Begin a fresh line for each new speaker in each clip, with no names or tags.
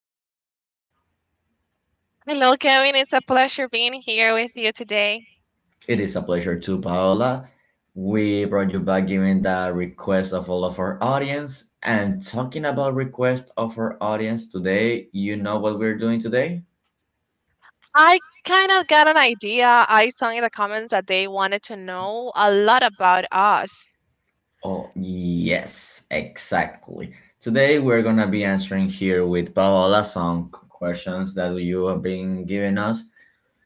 Paola.
Hello, Kevin. It's a pleasure being here with you today.
It is a pleasure to Paola. We brought you back given the request of all of our audience. And talking about request of our audience today, you know what we're doing today?
I kind of got an idea. I saw in the comments that they wanted to know a lot about us.
Oh, yes, exactly. Today we're gonna be answering here with Paola some questions that you have been giving us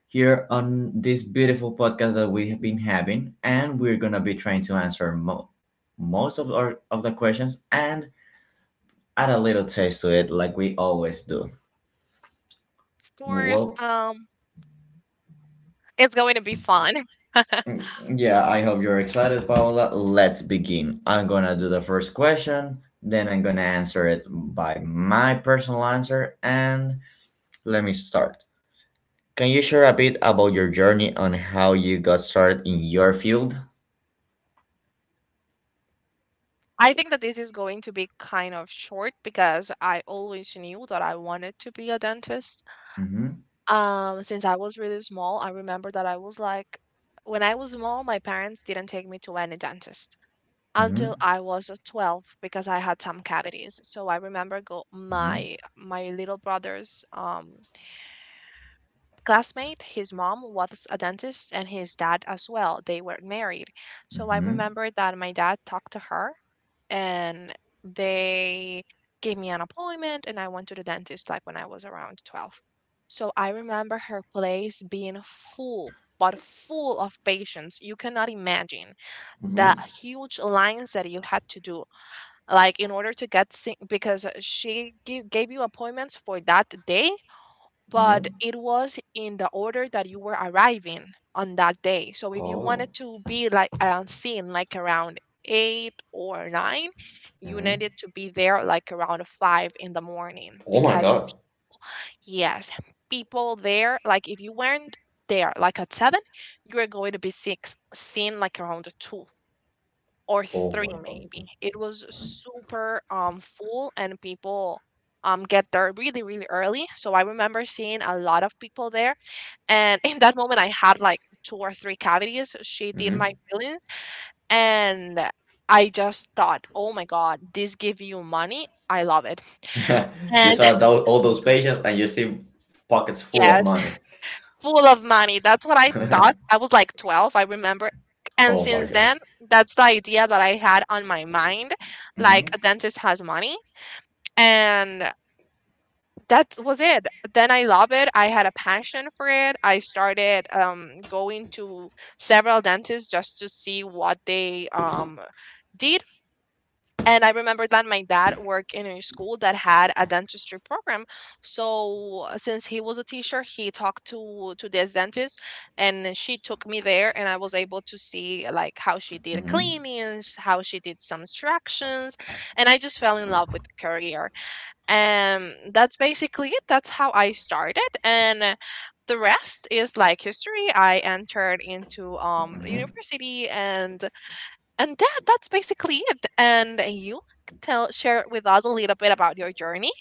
here on this beautiful podcast that we have been having, and we're gonna be trying to answer most of our of the questions and add a little taste to it, like we always do.
Of course,
Well,
it's going to be fun.
mm, yeah, I hope you're excited, Paola. Let's begin. I'm gonna do the first question, then I'm gonna answer it by my personal answer, and let me start. Can you share a bit about your journey on how you got started in your field?
I think that this is going to be kind of short because I always knew that I wanted to be a dentist.
Mm-hmm.
Since I was really small, I remember that I was like, when I was small, my parents didn't take me to any dentist,
Mm-hmm.
until I was 12 because I had some cavities. So I remember go
Mm-hmm.
my my little brother's classmate. His mom was a dentist and his dad as well. They were married. So I
Mm-hmm.
remember that my dad talked to her, and they gave me an appointment, and I went to the dentist like when I was around 12. So I remember her place being full, but full of patients. You cannot imagine the
Mm-hmm.
huge lines that you had to do, like in order to get because gave you appointments for that day, but
Hmm.
it was in the order that you were arriving on that day. So if you wanted
Oh.
to be like seen like around eight or nine, you
Hmm.
needed to be there like around five in the morning,
Oh my
because
god.
yes, people there, like if you weren't there like at seven, you were going to be six seen like around two or
Oh my
3
god.
maybe. It was super full, and people get there really, really early. So I remember seeing a lot of people there, and in that moment I had like two or three cavities. She did my
Hmm.
fillings, and I just thought, "Oh my god, this give you money. I love it."
You
And
saw all those patients, and you see pockets full of
yes,
money.
full of money. That's what I thought. I was like 12, I remember. And
oh my
since
god.
then, that's the idea that I had on my mind. Like
Hmm.
a dentist has money, and that was it. Then I love it. I had a passion for it. I started going to several dentists just to see what they did. And I remember that my dad worked in a school that had a dentistry program. So since he was a teacher, he talked to this dentist, and she took me there, and I was able to see like how she did
Hmm.
cleanings, how she did some extractions, and I just fell in love with the career. That's basically it. That's how I started, and the rest is like history. I entered into
Hmm.
university, and that's basically it. And you, tell, share with us a little bit about your journey.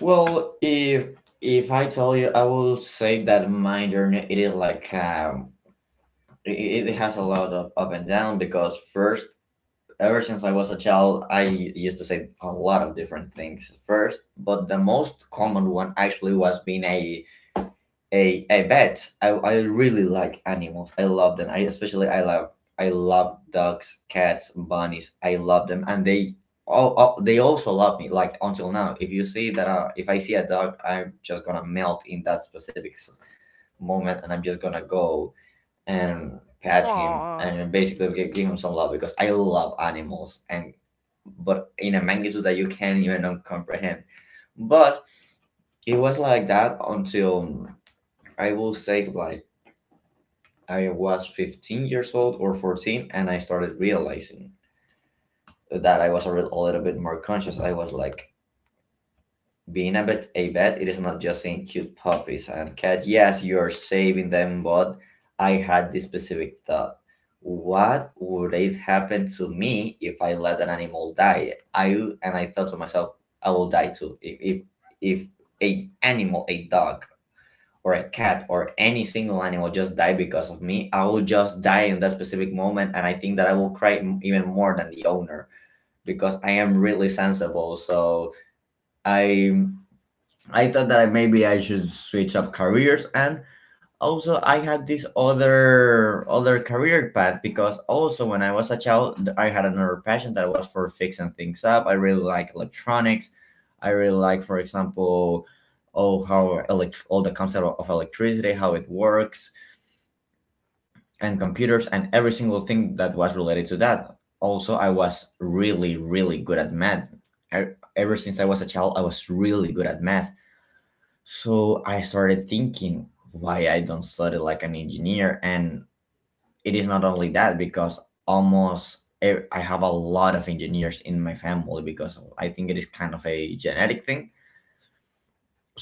Well, if I tell you, I will say that my journey it is like it has a lot of up and down because first. Ever since I was a child, I used to say a lot of different things first, but the most common one actually was being a I really like animals. I love them. I especially I love dogs, cats, bunnies. I love them, and they all they also love me. Like until now, if you see that if I see a dog, I'm just gonna melt in that specific moment, and I'm just gonna go and pet him
Aww.
and basically give him some love because I love animals and but in a magnitude that you can't even comprehend. But it was like that until I will say like I was 15 years old or 14, and I started realizing that I was a little bit more conscious. I was like, being a vet, it is not just saying cute puppies and cats. Yes, you are saving them, but I had this specific thought. What would it happen to me if I let an animal die? I and I thought to myself, I will die too. If a animal, a dog, or a cat or any single animal just die because of me, I will just die in that specific moment, and I think that I will cry even more than the owner because I am really sensible. So I I thought that maybe I should switch up careers and also I had this other career path because also when I was a child I had another passion that was for fixing things up. I really like electronics. I really like, for example, oh how all the concept of electricity, how it works and computers and every single thing that was related to that. Also I was really good at math. Ever since I was a child I was really good at math, so I started thinking why I don't study like an engineer. And it is not only that because I have a lot of engineers in my family because I think it is kind of a genetic thing.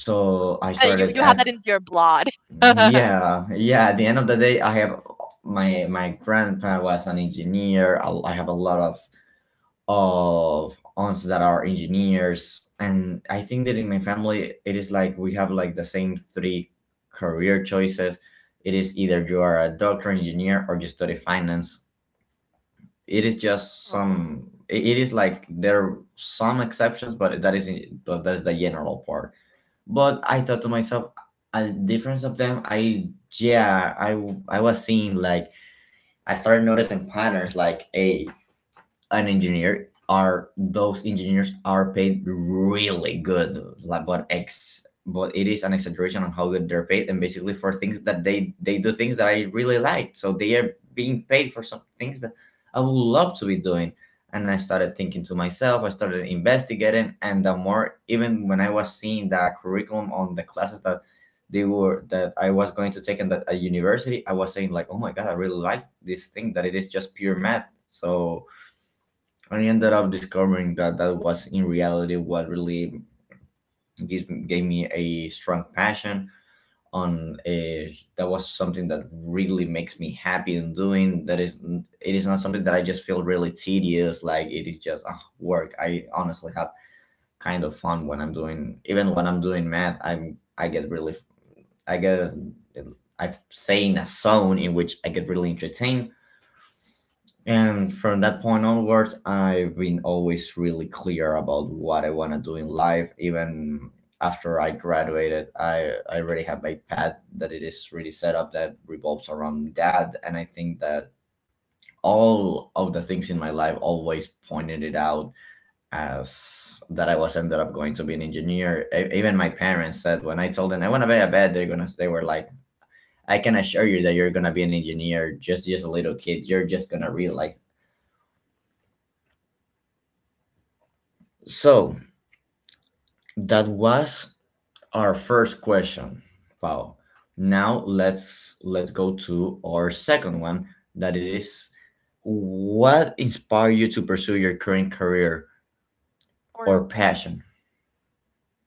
So I
Uh, you
started
you have that
at
in your blood. Oh.
yeah yeah. At the end of the day, I have my grandpa was an engineer. I have a lot of aunts that are engineers, and I think that in my family it is like we have like the same three career choices. It is either you are a doctor, engineer, or you study finance. It is just some. It is like there are some exceptions, but that is the general part. But I thought to myself, a difference of them. I yeah, I was seeing like I started noticing patterns like, hey, an engineer are those engineers are paid really good, like, but it is an exaggeration on how good they're paid, and basically for things that they do, things that I really like. So they are being paid for some things that I would love to be doing. And I started thinking to myself, I started investigating, and the more even when I was seeing the curriculum on the classes that they were that I was going to take in that a university, I was saying like, oh my god, I really like this thing that it is just pure math. So I ended up discovering that that was in reality what really gave me a strong passion that was something that really makes me happy in doing. That is it is not something that I just feel really tedious like it is just work. I honestly have kind of fun when I'm doing, even when I'm doing math, I get really I get I'm saying a zone in which I get really entertained. And from that point onwards, I've been always really clear about what I want to do in life. Even after I graduated, I already have my path that it is really set up that revolves around that. And I think that all of the things in my life always pointed it out as that I was ended up going to be an engineer. Even my parents said when I told them I want to be a vet, they're gonna they were like, I can assure you that you're gonna be an engineer. Just a little kid, you're just gonna realize. So that was our first question. Wow. Now let's go to our second one that it is what inspired you to pursue your current career
Or
or passion?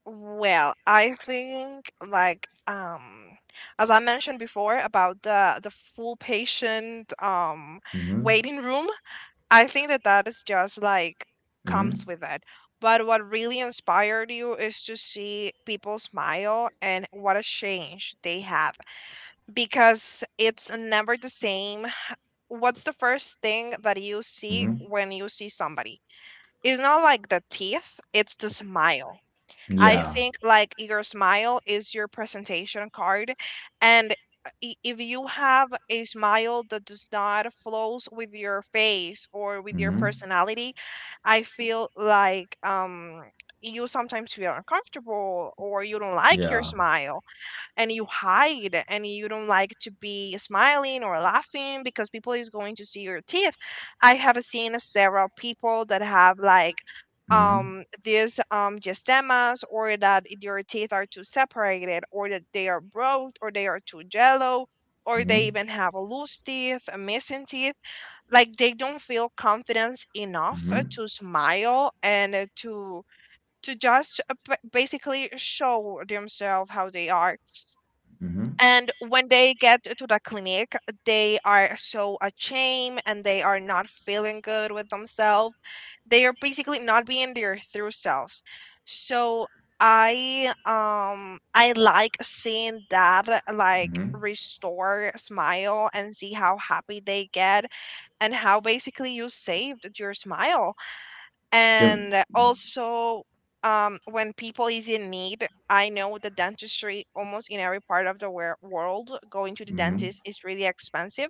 well, I think like as I mentioned before about the full patient
Mm-hmm.
waiting room, I think that that is just like comes
Mm-hmm.
with it. But what really inspired you is to see people smile and what a change they have, because it's never the same. What's the first thing that you see
Mm-hmm.
when you see somebody? It's not like the teeth, it's the smile. I
Yeah.
think like your smile is your presentation card, and if you have a smile that does not flows with your face or with your
Mm-hmm.
personality, I feel like you sometimes feel uncomfortable or you don't like your
Yeah.
smile, and you hide, and you don't like to be smiling or laughing because people is going to see your teeth. I have seen several people that have like
Mm-hmm.
these gestemas, or that their teeth are too separated, or that they are broke, or they are too yellow, or they
Mm-hmm.
even have loose teeth, missing teeth, like they don't feel confidence enough
Mm-hmm.
to smile and to basically show themselves how they are.
Mm-hmm.
And when they get to the clinic, they are so ashamed and they are not feeling good with themselves. They are basically not being their true selves. So I like seeing that, like
Mm-hmm.
restore smile and see how happy they get, and how basically you saved your smile.
Yep.
And also, when people is in need, I know the dentistry almost in every part of the world, going to the
Mm-hmm.
dentist is really expensive.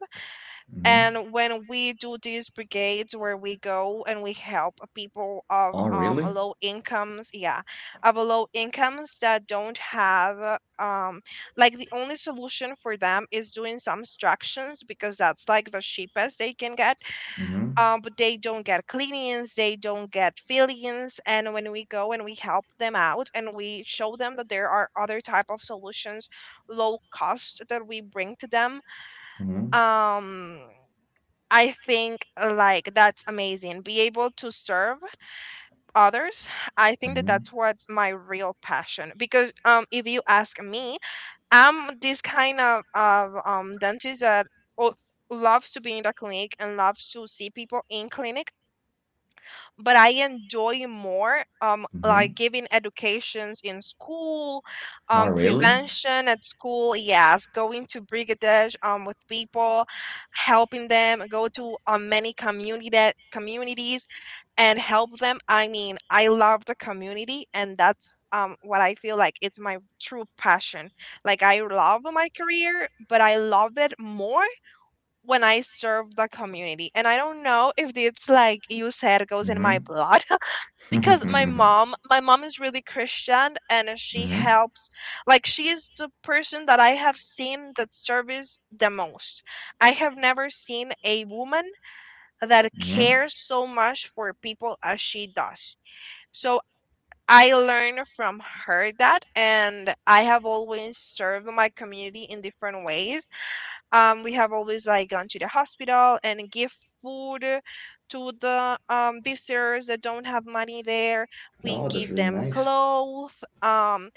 Mm-hmm.
And when we do these brigades where we go and we help people of
Oh really?
low incomes, yeah, of low incomes that don't have like the only solution for them is doing some extractions, because that's like the cheapest they can get.
Mm-hmm.
But they don't get cleanings, they don't get fillings. And when we go and we help them out and we show them that there are other type of solutions, low cost that we bring to them,
Mm-hmm.
um, I think like that's amazing. Be able to serve others. I think that
Mm-hmm.
that's what's my real passion. Because if you ask me, I'm this kind of dentist that o- loves to be in the clinic and loves to see people in clinic, but I enjoy more
Mm-hmm.
like giving educations in school,
Oh really?
prevention at school, yes, going to brigadage with people, helping them, go to many community communities and help them. I mean, I love the community, and that's what I feel like it's my true passion. Like I love my career, but I love it more when I serve the community. And I don't know if it's like you said, goes in my blood. Because
Mm-hmm.
my mom is really Christian and she
mm-hmm.
helps. Like she is the person that I have seen that serves the most. I have never seen a woman that
Hmm.
cares so much for people as she does. So I learned from her that, and I have always served my community in different ways. We have always like gone to the hospital and give food to the visitors that don't have money there. We
Oh, that's
give
really
them
nice.
clothes. Um,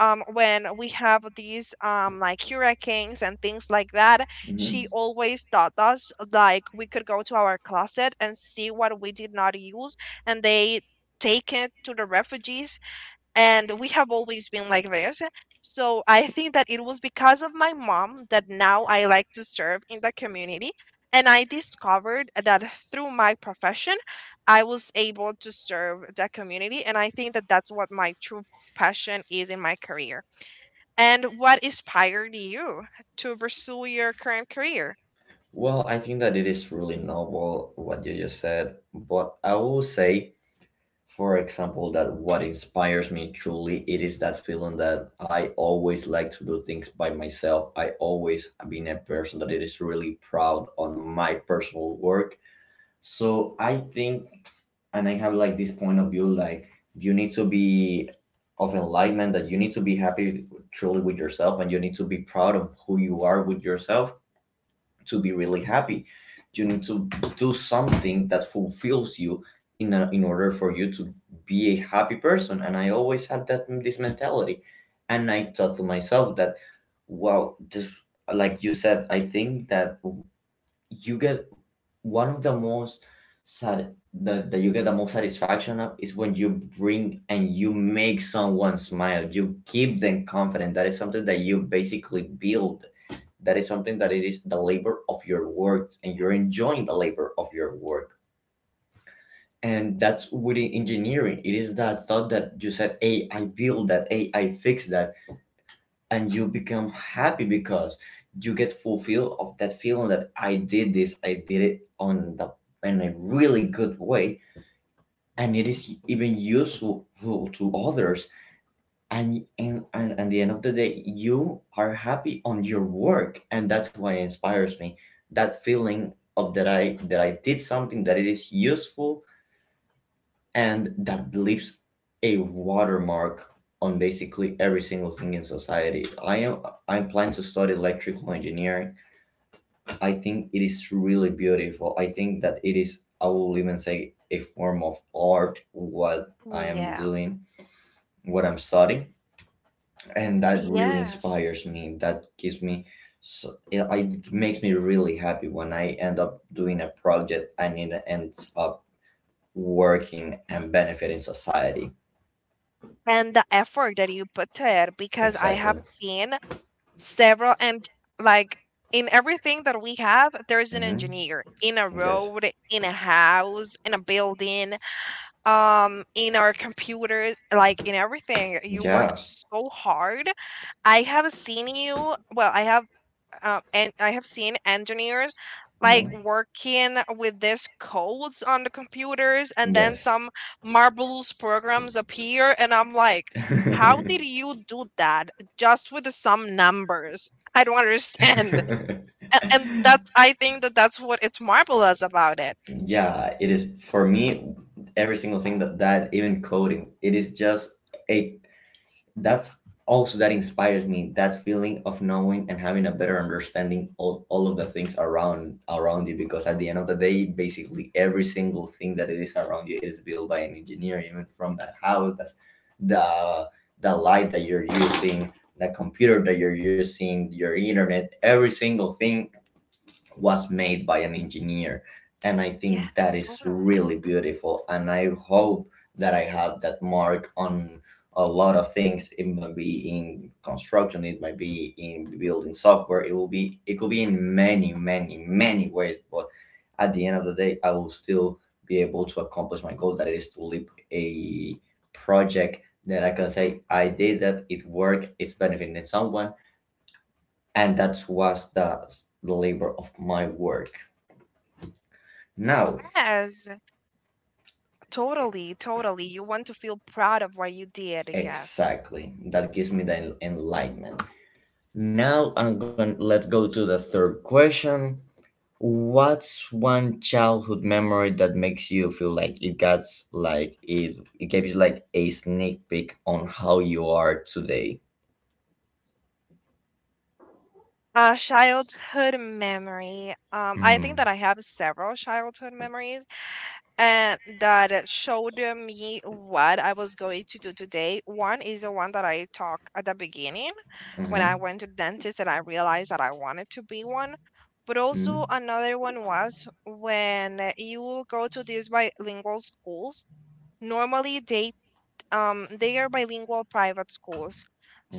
um, When we have these like hurricanes and things like that,
Hmm.
she always taught us like we could go to our closet and see what we did not use, and they take it to the refugees. And we have always been like this. So I think that it was because of my mom that now I like to serve in the community. And I discovered that through my profession, I was able to serve the community. And I think that that's what my true passion is in my career. And what inspired you to pursue your current career?
Well, I think that it is really noble what you just said, but I will say, for example, that what inspires me truly it is that feeling that I always like to do things by myself. I always have been a person that it is really proud on my personal work. So I think, and I have like this point of view, like you need to be of enlightenment that you need to be happy truly with yourself, and you need to be proud of who you are with yourself to be really happy. You need to do something that fulfills you in order for you to be a happy person. And I always had that this mentality. And I thought to myself that, wow, just like you said, I think that you get one of the most sad that you get the most satisfaction of is when you bring and you make someone smile, you keep them confident. That is something that you basically build. That is something that it is the labor of your work, and you're enjoying the labor of your work. And that's within engineering, it is that thought that you said, hey, I build that, hey, I fix that, and you become happy because you get fulfilled of that feeling that I did this, I did it on the in a really good way, and it is even useful to others. And at the end of the day, you are happy on your work, and that's what inspires me. That feeling of that I did something that it is useful and that leaves a watermark on basically every single thing in society. I'm planning to study electrical engineering. I think it is really beautiful. I think that it is I will even say a form of art what I am
Yeah.
doing, what I'm studying, and that really
Yes.
inspires me. That gives me so it makes me really happy when I end up doing a project and it ends up working and benefiting society.
And the effort that you put to it, because I have
Exactly.
seen several. And like in everything that we have, there's an
Mhm.
engineer in a
Yes.
road, in a house, in a building, in our computers, like in everything you work
Yeah.
so hard. I have seen you well I have And I have seen engineers like
Mhm.
working with these codes on the computers, and then
Yes.
some marbles programs appear, and I'm like, how did you do that, just with some numbers? I don't understand. And that's, I think that that's what it's marvelous about it.
Yeah, it is for me every single thing that even coding, it is just a that's also that inspires me, that feeling of knowing and having a better understanding of all of the things around you, because at the end of the day basically every single thing that it is around you is built by an engineer, even from that house that's the the light that you're using, the computer that you're using, your internet, every single thing was made by an engineer. And I think that
Yes,
is really
totally.
beautiful, and I hope that I have that mark on a lot of things. It might be in construction, it might be in building software, it will be, it could be in many, many, many ways. But at the end of the day, I will still be able to accomplish my goal that it is to lead a project that I can say I did, that it worked, it's benefiting someone, and that was the labor of my work now,
Yes. Totally, totally. You want to feel proud of what you did, yes.
exactly. That gives me the enlightenment. Now I'm going to let's go to the third question. What's one childhood memory that makes you feel like it gave you like a sneak peek on how you are today?
Childhood memory. I think
Mm.
that I have several childhood memories, and that showed me what I was going to do today. One is the one that I talked at the beginning, when
Mm-hmm.
I went to dentist and I realized that I wanted to be one. But also
Mm.
another one was when you go to these bilingual schools, normally they are bilingual private schools.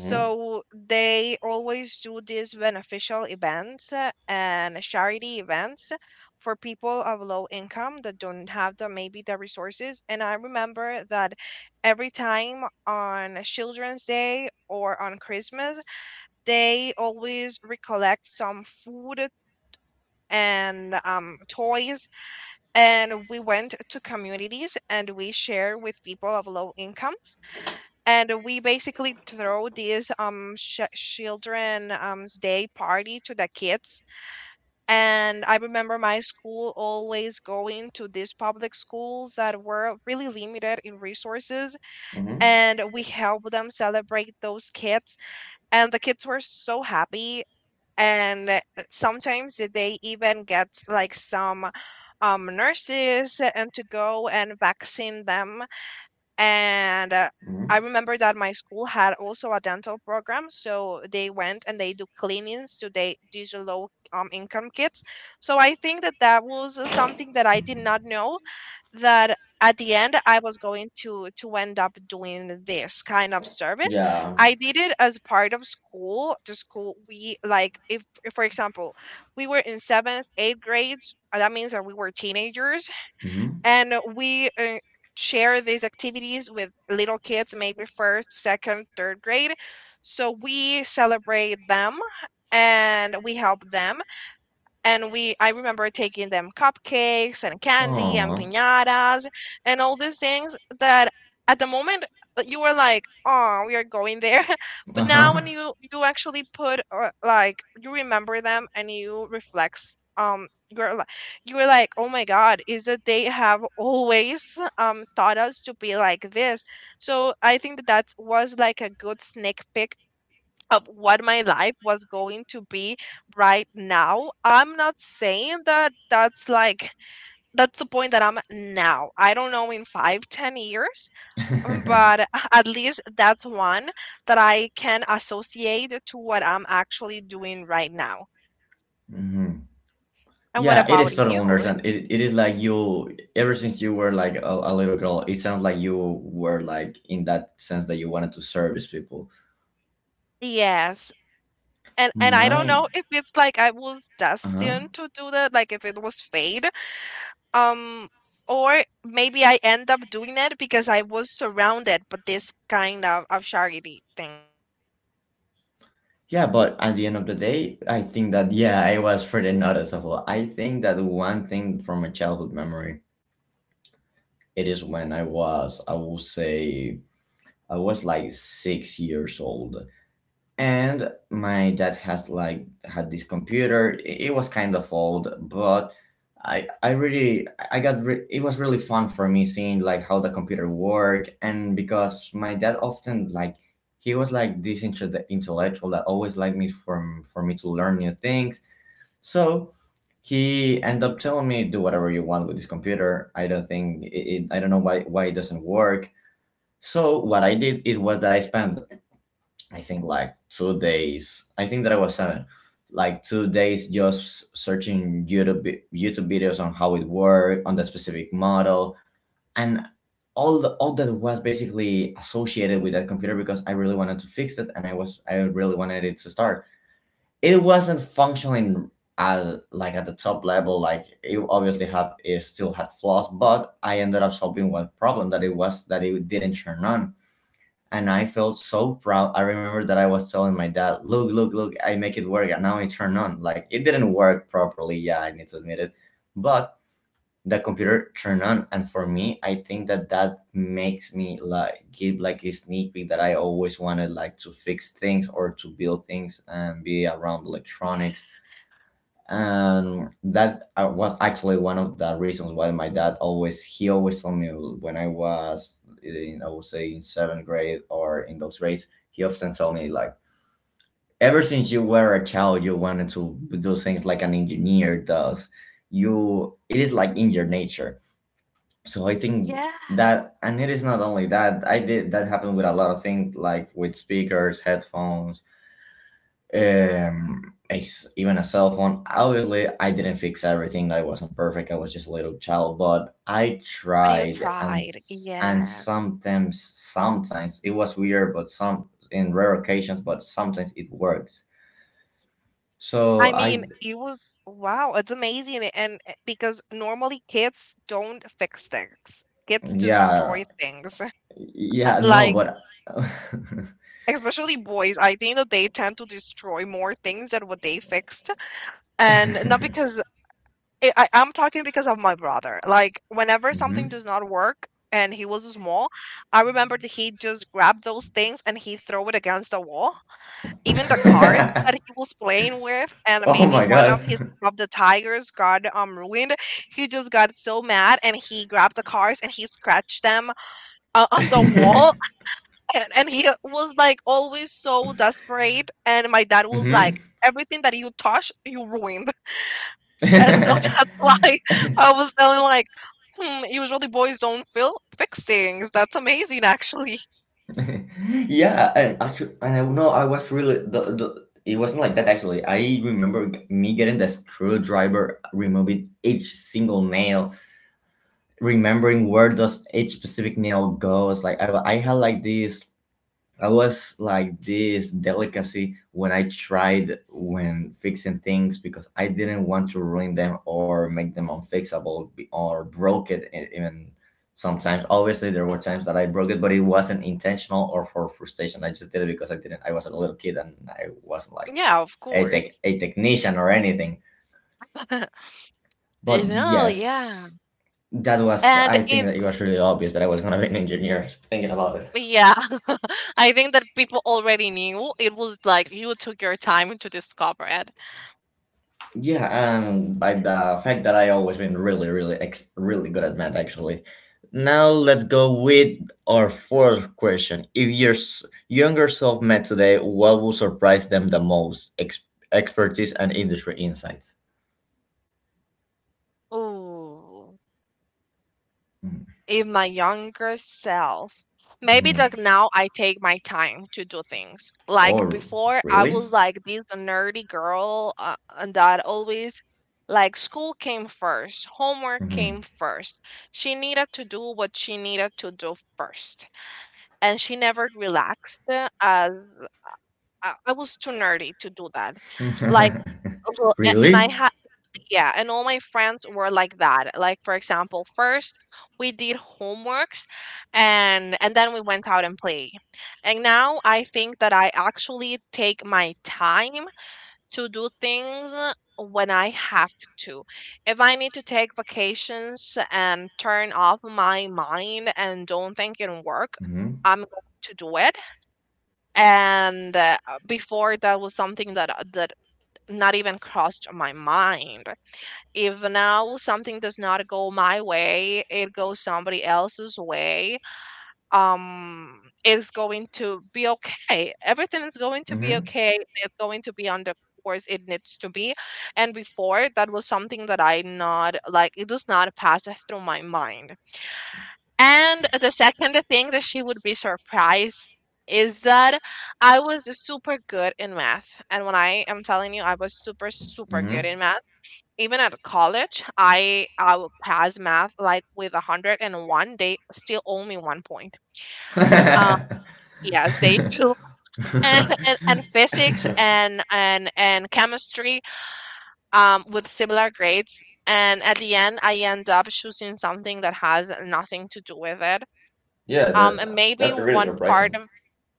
Mm-hmm.
they always do these beneficial events and charity events for people of low income that don't have the maybe the resources. And I remember that every time on Children's Day or on Christmas, they always recollect some food and toys, and we went to communities and we share with people of low incomes, and we basically throw this children day party to the kids. And I remember my school always going to these public schools that were really limited in resources,
Mm-hmm.
and we helped them celebrate those kids, and the kids were so happy. And sometimes they even get like some nurses and to go and vaccine them. And I
Mm-hmm.
remember that my school had also a dental program, so they went and they do cleanings to they these low income kids. So I think that that was something that I did not know, that at the end I was going to end up doing this kind of service.
Yeah.
I did it as part of school. The school we like, if for example we were in seventh, eighth grades. That means that we were teenagers
Mm-hmm.
and we share these activities with little kids, maybe first, second, third grade. So we celebrate them, and we help them, and we I remember taking them cupcakes and candy and
Oh.
piñatas, and all these things that at the moment, you were like, "Oh, we are going there." But now when
Uh-huh.
you actually put like, you remember them and you reflect, you're like, you were like, "Oh my God, is that they have always taught us to be like this?" So I think that that was like a good sneak peek of what my life was going to be right now. I'm not saying that that's like that's the point that I'm at now. I don't know, in 5, 10 years,
Mm-hmm.
but at least that's one that I can associate to what I'm actually doing right now. And what
Yeah, it
about
is total
you?
understand. It is like you, ever since you were like a little girl. It sounds like you were like in that sense that you wanted to service people.
Yes. And I don't
Mine,
know if it's like I was
uh huh.
destined to do that, like if it was fate, um or maybe I end up doing it because I was surrounded by this kind of charity thing.
Yeah. But at the end of the day, I think that yeah, I was pretty noticeable. I think that one thing from my childhood memory, it is when I was, I will say, I was like 6 years old, and my dad has like had this computer. It was kind of old. But I it was really fun for me seeing like how the computer worked. And because my dad often, like, he was like this intellectual that always liked me from for me to learn new things. So he ended up telling me, "Do whatever you want with this computer. I don't think it I don't know why it doesn't work." So what I did is was that I spent, I think, like 2 days. I think that I was seven, like 2 days just searching YouTube videos on how it worked on the specific model and all that was basically associated with that computer, because I really wanted to fix it and I really wanted it to start. It wasn't functioning at like at the top level. Like it obviously had it still had flaws, but I ended up solving one problem that it was that it didn't turn on. And I felt so proud. I remember that I was telling my dad, "Look, look, look! I make it work, and now it turned on." Like, it didn't work properly. Yeah, I need to admit it, but the computer turned on. And for me, I think that that makes me like give like a sneak peek that I always wanted, like, to fix things or to build things and be around electronics. And that was actually one of the reasons why my dad always told me when I was in, I would say, in seventh grade or in those grades, he often told me like, "Ever since you were a child, you wanted to do things like an engineer does. You, it is like in your nature." So I think
Yeah.
that, and it is not only that I did that happened with a lot of things, like with speakers, headphones, um, even a cell phone. Obviously I didn't fix everything, I wasn't perfect, I was just a little child, but I
But you
tried. And
tried,
and
yes.
sometimes sometimes it was weird, but some in rare occasions, but sometimes it works. So
I
I
mean, it was, wow, it's amazing. And because normally kids don't fix things, kids
yeah
destroy things.
yeah no,
Like,
but
especially boys, I think that they tend to destroy more things than what they fixed. And not because I'm talking because of my brother. Like, whenever
Mhm.
something does not work and he was small, I remember that he just grabbed those things and he throw it against the wall. Even the cars that he was playing with, and
Oh
maybe
my
one of his
god.
of the tires got ruined. He just got so mad and he grabbed the cars and he scratched them on the wall. And he was like always so desperate, and my dad was like,
Mhm.
"Everything that you touch you ruin." And so that's why I was telling like, "Hmm, usually boys don't feel fix things. That's amazing, actually."
Yeah, and actually, and I know I was really the it wasn't like that actually. I remember me getting the screwdriver, removing each single nail, remembering where does each specific nail goes. Like I had like this, I was like this delicacy when I tried when fixing things, because I didn't want to ruin them or make them unfixable, or broke it, even sometimes. Obviously there were times that I broke it, but it wasn't intentional or for frustration. I just did it because I didn't. I was a little kid and I wasn't like
Yeah, of
a tech,
course.
a technician or anything.
You
But
know, yeah.
yes, that was.
And
I think
if,
that it was really obvious that I was gonna be an engineer. Thinking about it.
yeah, I think that people already knew. It was like you took your time to discover it.
Yeah, by the fact that I always been really, really, really good at math, actually. Now let's go with our fourth question. If your younger self met today, what would surprise them the most? Expertise and industry insights.
Oh. If my younger self, maybe
Mm-hmm.
like now I take my time to do things. Like
Or
before, I
really?
was like this nerdy girl, and that always, like, school came first, homework
Hmm.
came first. She needed to do what she needed to do first, and she never relaxed, as I was too nerdy to do that. Like, well, a- and I
Really?
had, yeah, and all my friends were like that. Like, for example, first we did homeworks, and then we went out and play. And now I think that I actually take my time to do things when I have to. If I need to take vacations and turn off my mind and don't think in work,
Hmm.
I'm going to do it. And before, that was something that not even crossed my mind. If now something does not go my way, it goes somebody else's way, it's going to be okay. Everything is going to be
Hmm.
okay. It's going to be on the course it needs to be. And before, that was something that I not like, it does not pass through my mind. And the second thing that she would be surprised is that I was super good in math. And when I am telling you, I was super, super good in math. Even at college, I will pass math like with a 101. They still owe me 1 point. Um,
Hmm.
yes, they do. And physics and chemistry with similar grades. And at the end, I end up choosing something that has nothing to do with it.
Yeah,
And
that
maybe
that's really
one part
surprising.
of,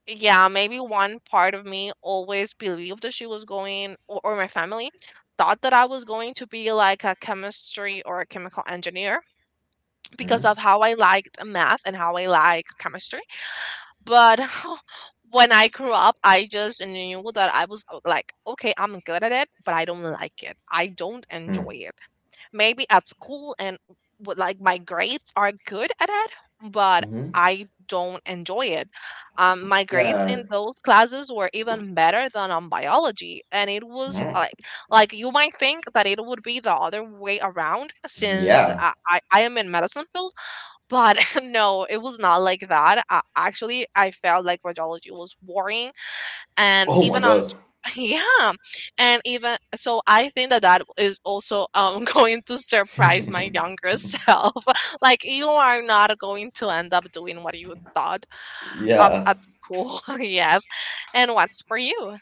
yeah, maybe one part of me always believed that she was going, or my family thought that I was going to be like a chemistry or a chemical engineer because of
Mm-hmm.
how I liked math and how I like chemistry. But when I grew up, I just knew that I was, like, okay, I'm good at it, but I don't like it. I don't enjoy
Hmm.
it. Maybe at school, and w- like my grades are good at it, but
Mm-hmm.
I don't enjoy it. My grades
Yeah.
in those classes were even better than on biology, and it was
Mhm.
like you might think that it would be the other way around since
Yeah.
I am in medicine field, but no, it was not like that. Actually, I felt like radiology was boring, and
Oh my
even on
god.
sc- yeah, and even so, I think that that is also, going to surprise my younger self. Like, you are not going to end up doing what you thought
Yeah.
at school. Yes, and what's for you?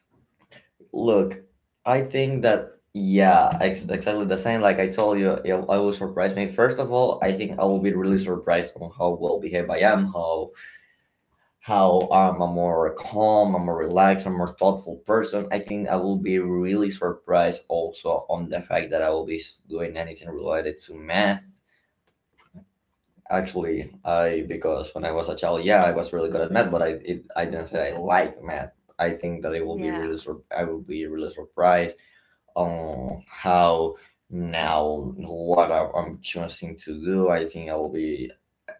Look, I think that yeah, exactly the same. Like I told you, I was surprised. Me, first of all, I think I will be really surprised on how well behaved I am, how I'm a more calm, I'm more relaxed, I'm more thoughtful person. I think I will be really surprised also on the fact that I will be doing anything related to math. Actually, I because when I was a child, yeah, I was really good at math, but I didn't say I liked math. I think that I will be
Yeah,
really surprised on how now what I'm choosing to do. I think I will be,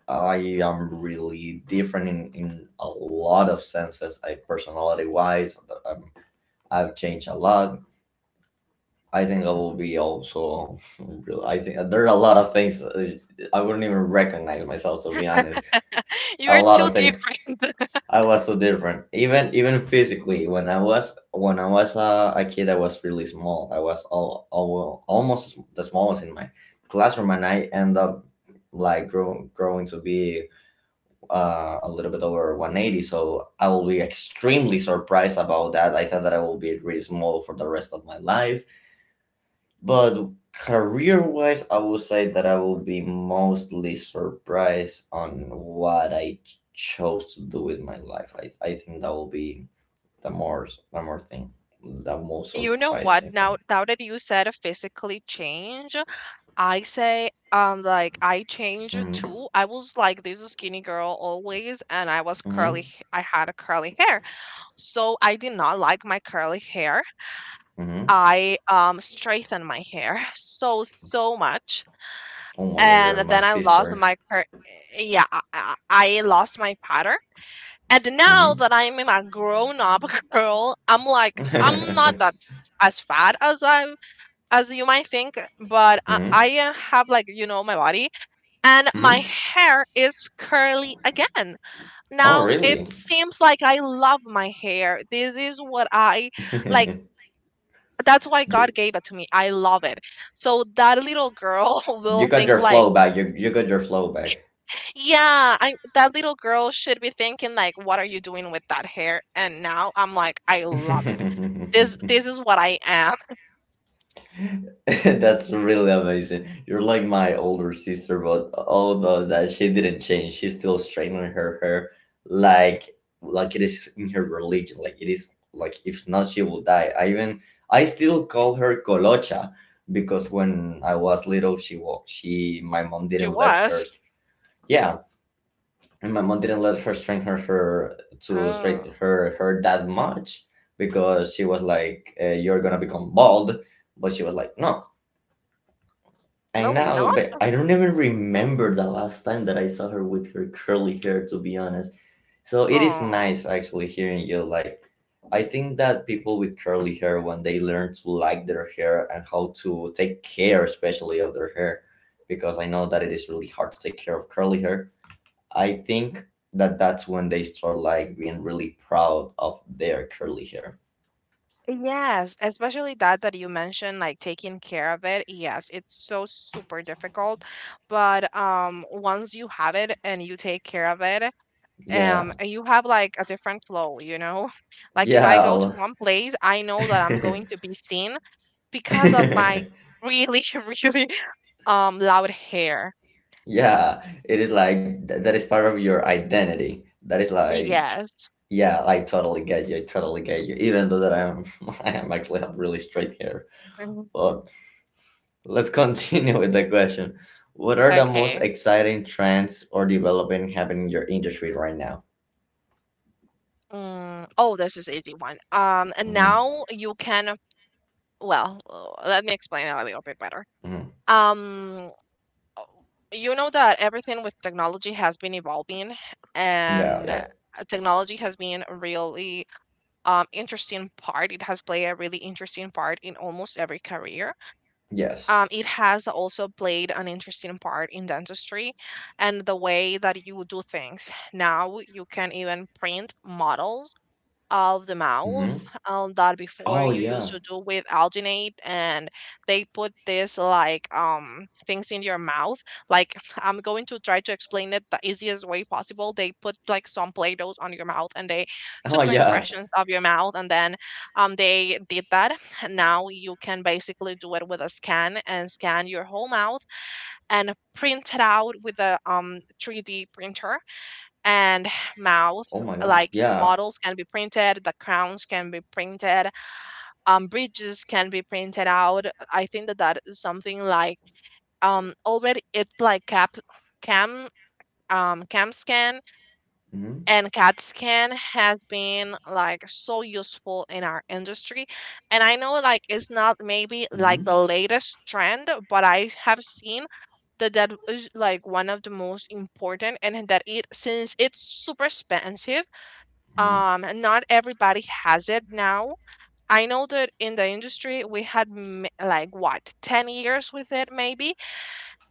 I am really different in a lot of senses. I, personality wise, um, I've changed a lot. I think I will be also. Really, I think there are a lot of things, I wouldn't even recognize myself to be honest, a
you're
lot
too
of things.
different.
I was so different, even physically. When I was a kid, I was really small. I was almost the smallest in my classroom, and I end up like growing to be a little bit over 180. So I will be extremely surprised about that. I thought that I will be really small for the rest of my life. But career wise, I would say that I will be mostly surprised on what I chose to do with my life. I think that will be the more the more thing, the most
You know what?
surprising
Now,
thing.
now that you said a physically change, I say, like, I changed it
Mm-hmm.
too. I was like this skinny girl always, and I was curly.
Mm-hmm.
H- I had a curly hair, so I did not like my curly hair.
Mm-hmm.
I straightened my hair so much,
Oh my god, you're
and
my
then I lost
sister.
my cur-, yeah, I lost my pattern. And now
Mm-hmm.
that I'm a grown up girl, I'm like, I'm
Mm-hmm.
not that as fat as I, as you might think, but I have like, you know, my body, and my
Mm-hmm.
hair is curly again.
Oh
Now it
really?
seems like I love my hair. This is what I like. That's why
you,
God gave it to me. I love it. So that little girl
you
will
got
think
your
like,
flow back. You got your flow back.
yeah, I, that little girl should be thinking like, what are you doing with that hair? And now I'm like, I love it. This this is what I am.
That's really amazing. You're like my older sister, but although that she didn't change, she's still straightening her hair like like it is in her religion. Like it is like if not she will die. I even, I still call her Colocha because when I was little she, my mom
She
didn't let her,
was.
yeah. And my mom didn't let her straighten her, to straighten
Oh,
her hair that much because she was like, "You're gonna become bald," but she was like, "No, I
no, I'm
know,"
not.
but I don't even remember the last time that I saw her with her curly hair, to be honest. So it is
Oh.
nice actually hearing you. Like, I think that people with curly hair, when they learn to like their hair and how to take care, especially of their hair, because I know that it is really hard to take care of curly hair, I think that that's when they start like being really proud of their curly hair.
Yes, especially that that you mentioned, like taking care of it. Yes, it's so super difficult, but once you have it and you take care of it,
Yeah,
and you have like a different flow, you know? Like, if I
yeah.
go to
I'll-
one place, I know that I'm going to be seen because of my really, really loud hair.
Yeah, it is like that is part of your identity. That is like,
Yes.
yeah, I totally get you. I totally get you. Even though that I am, I am actually have really straight hair.
Mhm.
But let's continue with the question. What are the most
Okay.
exciting trends or development happening in your industry right now?
Mm. Oh, this is easy one. And
Hmm.
now you can, well, let me explain it a little bit better.
Hmm.
um uh, you know that everything with technology has been evolving,
Yeah,
and
yeah,
technology has been a really, interesting part, it has played a really interesting part in almost every career.
yes.
It has also played an interesting part in dentistry, and the way that you do things, now you can even print models of the mouth,
Hmm.
that before
Oh
you used
yeah.
to do with alginate, and they put this like things in your mouth, like, I'm going to try to explain it the easiest way possible. They put like some play-dohs on your mouth and they
Oh
took the
yeah.
impressions of your mouth, and then they did that. Now you can basically do it with a scan and scan your whole mouth and print it out with a 3D printer, and mouth,
Oh my God.
like, the
Yeah.
models can be printed, the crowns can be printed, bridges can be printed out. I think that that is something like already, it's like cap, cam, cam scan
Hmm.
and cat scan has been like so useful in our industry. And I know, like, it's not maybe like the
Hmm.
latest trend, but I have seen that that is like one of the most important, and that it, since it's super expensive,
Hmm.
and not everybody has it now. I know that in the industry we had like what 10 years with it maybe.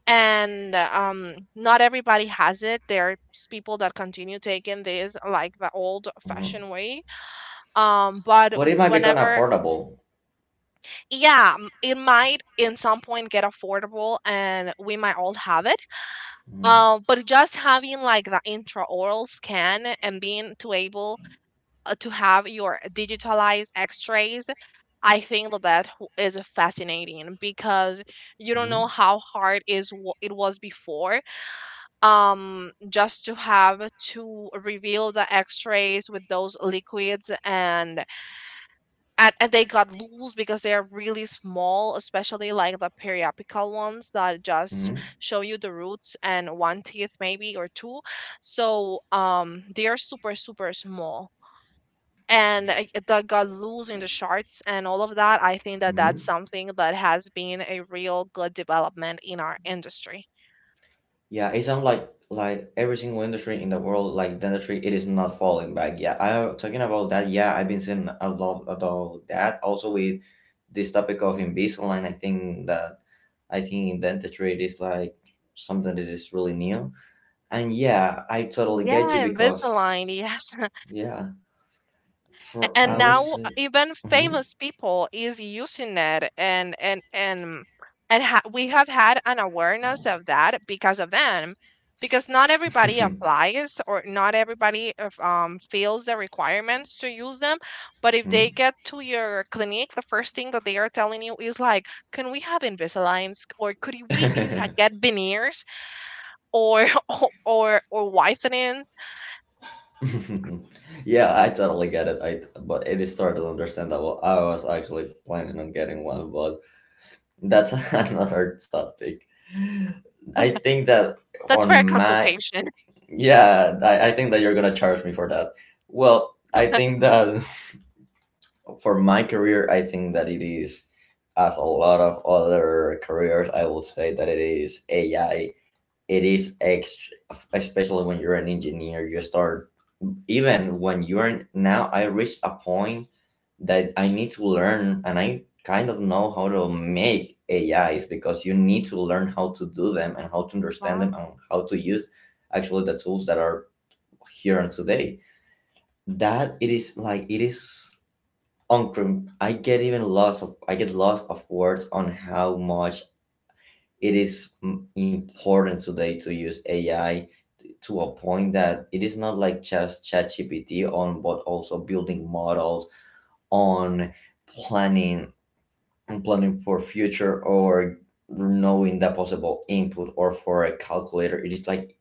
And not everybody has it. There are people that continue taking this like the old
Hmm.
fashioned way. Um, but
But it might become
whenever,
affordable.
yeah, it might in some point get affordable and we might all have it.
Hmm.
Um, but just having like the intraoral scan and being to able to have your digitalized x-rays, I think that is fascinating because you don't know how hard it was before. Um, just to have to reveal the x-rays with those liquids, and and they got loose because they are really small, especially like the periapical ones that just
Hmm.
show you the roots and one teeth maybe or two. So they are super super small. And the got losing the charts and all of that, I think that that's
Hmm.
something that has been a real good development in our industry.
Yeah, it's unlike, like every single industry in the world, like dentistry, it is not falling back. Yeah, I talking about that. Yeah, I've been saying a lot about that. Also with this topic of Invisalign, I think that, I think in dentistry it is like something that is really new. And yeah, I totally get you
Yeah, Invisalign,
because
yes.
yeah, for I
And
will
now
say.
even
Mhm.
famous people is using it, and we have had an awareness of that because of them, because not everybody applies or not everybody feels the requirements to use them. But if they
Mhm.
get to your clinic, the first thing that they are telling you is like, can we have Invisaligns? Or could we get veneers or or whitenings?
Yeah, I totally get it. I But it is totally understandable. I was actually planning on getting one, but that's another topic. I think that
That's for
on
a
my,
consultation.
yeah, I think that you're gonna charge me for that. Well, I think that for my career, I think that it is as a lot of other careers, I would say that it is AI. It is especially when you're an engineer, you start even when you're now I reached a point that I need to learn and I kind of know how to make ais because you need to learn how to do them and how to understand them and how to use actually the tools that are here and today that it is like it is I get even lost of, I get lost of words on how much it is important today to use ai to a point that it is not like just ChatGPT on, but also building models on planning and planning for future or knowing the possible input or for a calculator. It is like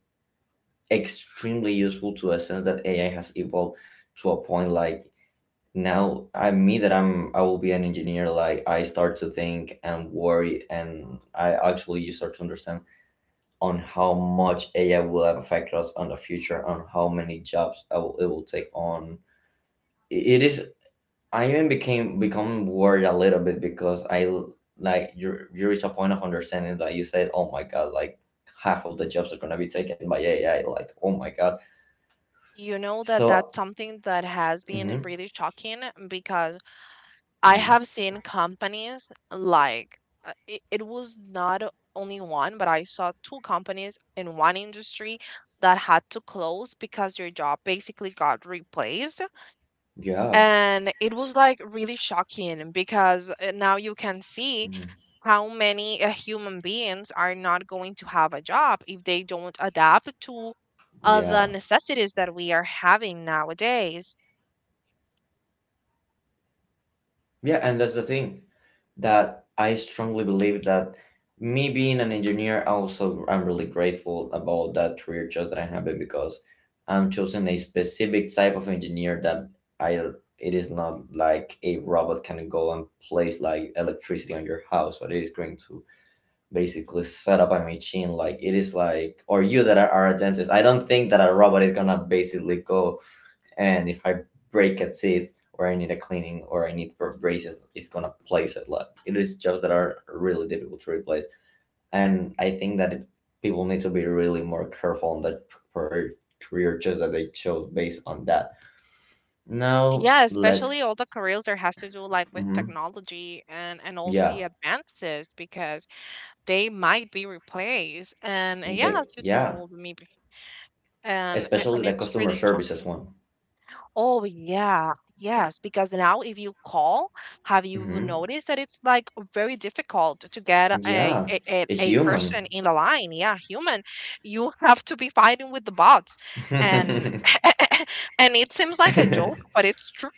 extremely useful to a sense that AI has evolved to a point like now I me that I'm I will be an engineer like I start to think and worry and I actually you start to understand on how much AI will affect us on the future, on how many jobs it will take on. It is. I even became become worried a little bit because like you. You reach a point of understanding that you said, "Oh my god!" Like half of the jobs are gonna be taken by AI. Like, oh my god.
You know that
So,
that's something that has been
hmm
really shocking because I have seen companies like it was not only one, but I saw two companies in one industry that had to close because your job basically got replaced.
yeah,
And it was like really shocking because now you can see
mhm,
how many human beings are not going to have a job if they don't adapt to the
yeah,
necessities that we are having nowadays.
yeah, and that's the thing. That I strongly believe that me being an engineer, also I'm really grateful about that career choice that I have it because I'm choosing a specific type of engineer that I it is not like a robot can go and place like electricity on your house or it is going to basically set up a machine like it is like or you that are a dentist I don't think that a robot is gonna basically go and if I break a tooth or I need a cleaning or I need braces, it's gonna place it. Like it is jobs that are really difficult to replace, and I think that people need to be really more careful on that per- career choice that they chose based on that. Now
Yeah, especially all the careers that has to do like with
mhm,
technology and all
yeah,
the advances, because they might be replaced. And yeah, as you
Yeah,
told me,
especially
and
the
it's
customer
really
services
shocking.
one.
Oh yeah, yes, because now if you call, have you
Hmm.
noticed that it's like very difficult to get a
Yeah,
a, a
a
a person
human.
in the line? Yeah, human. You have to be fighting with the bots, and and it seems like a joke, but it's true.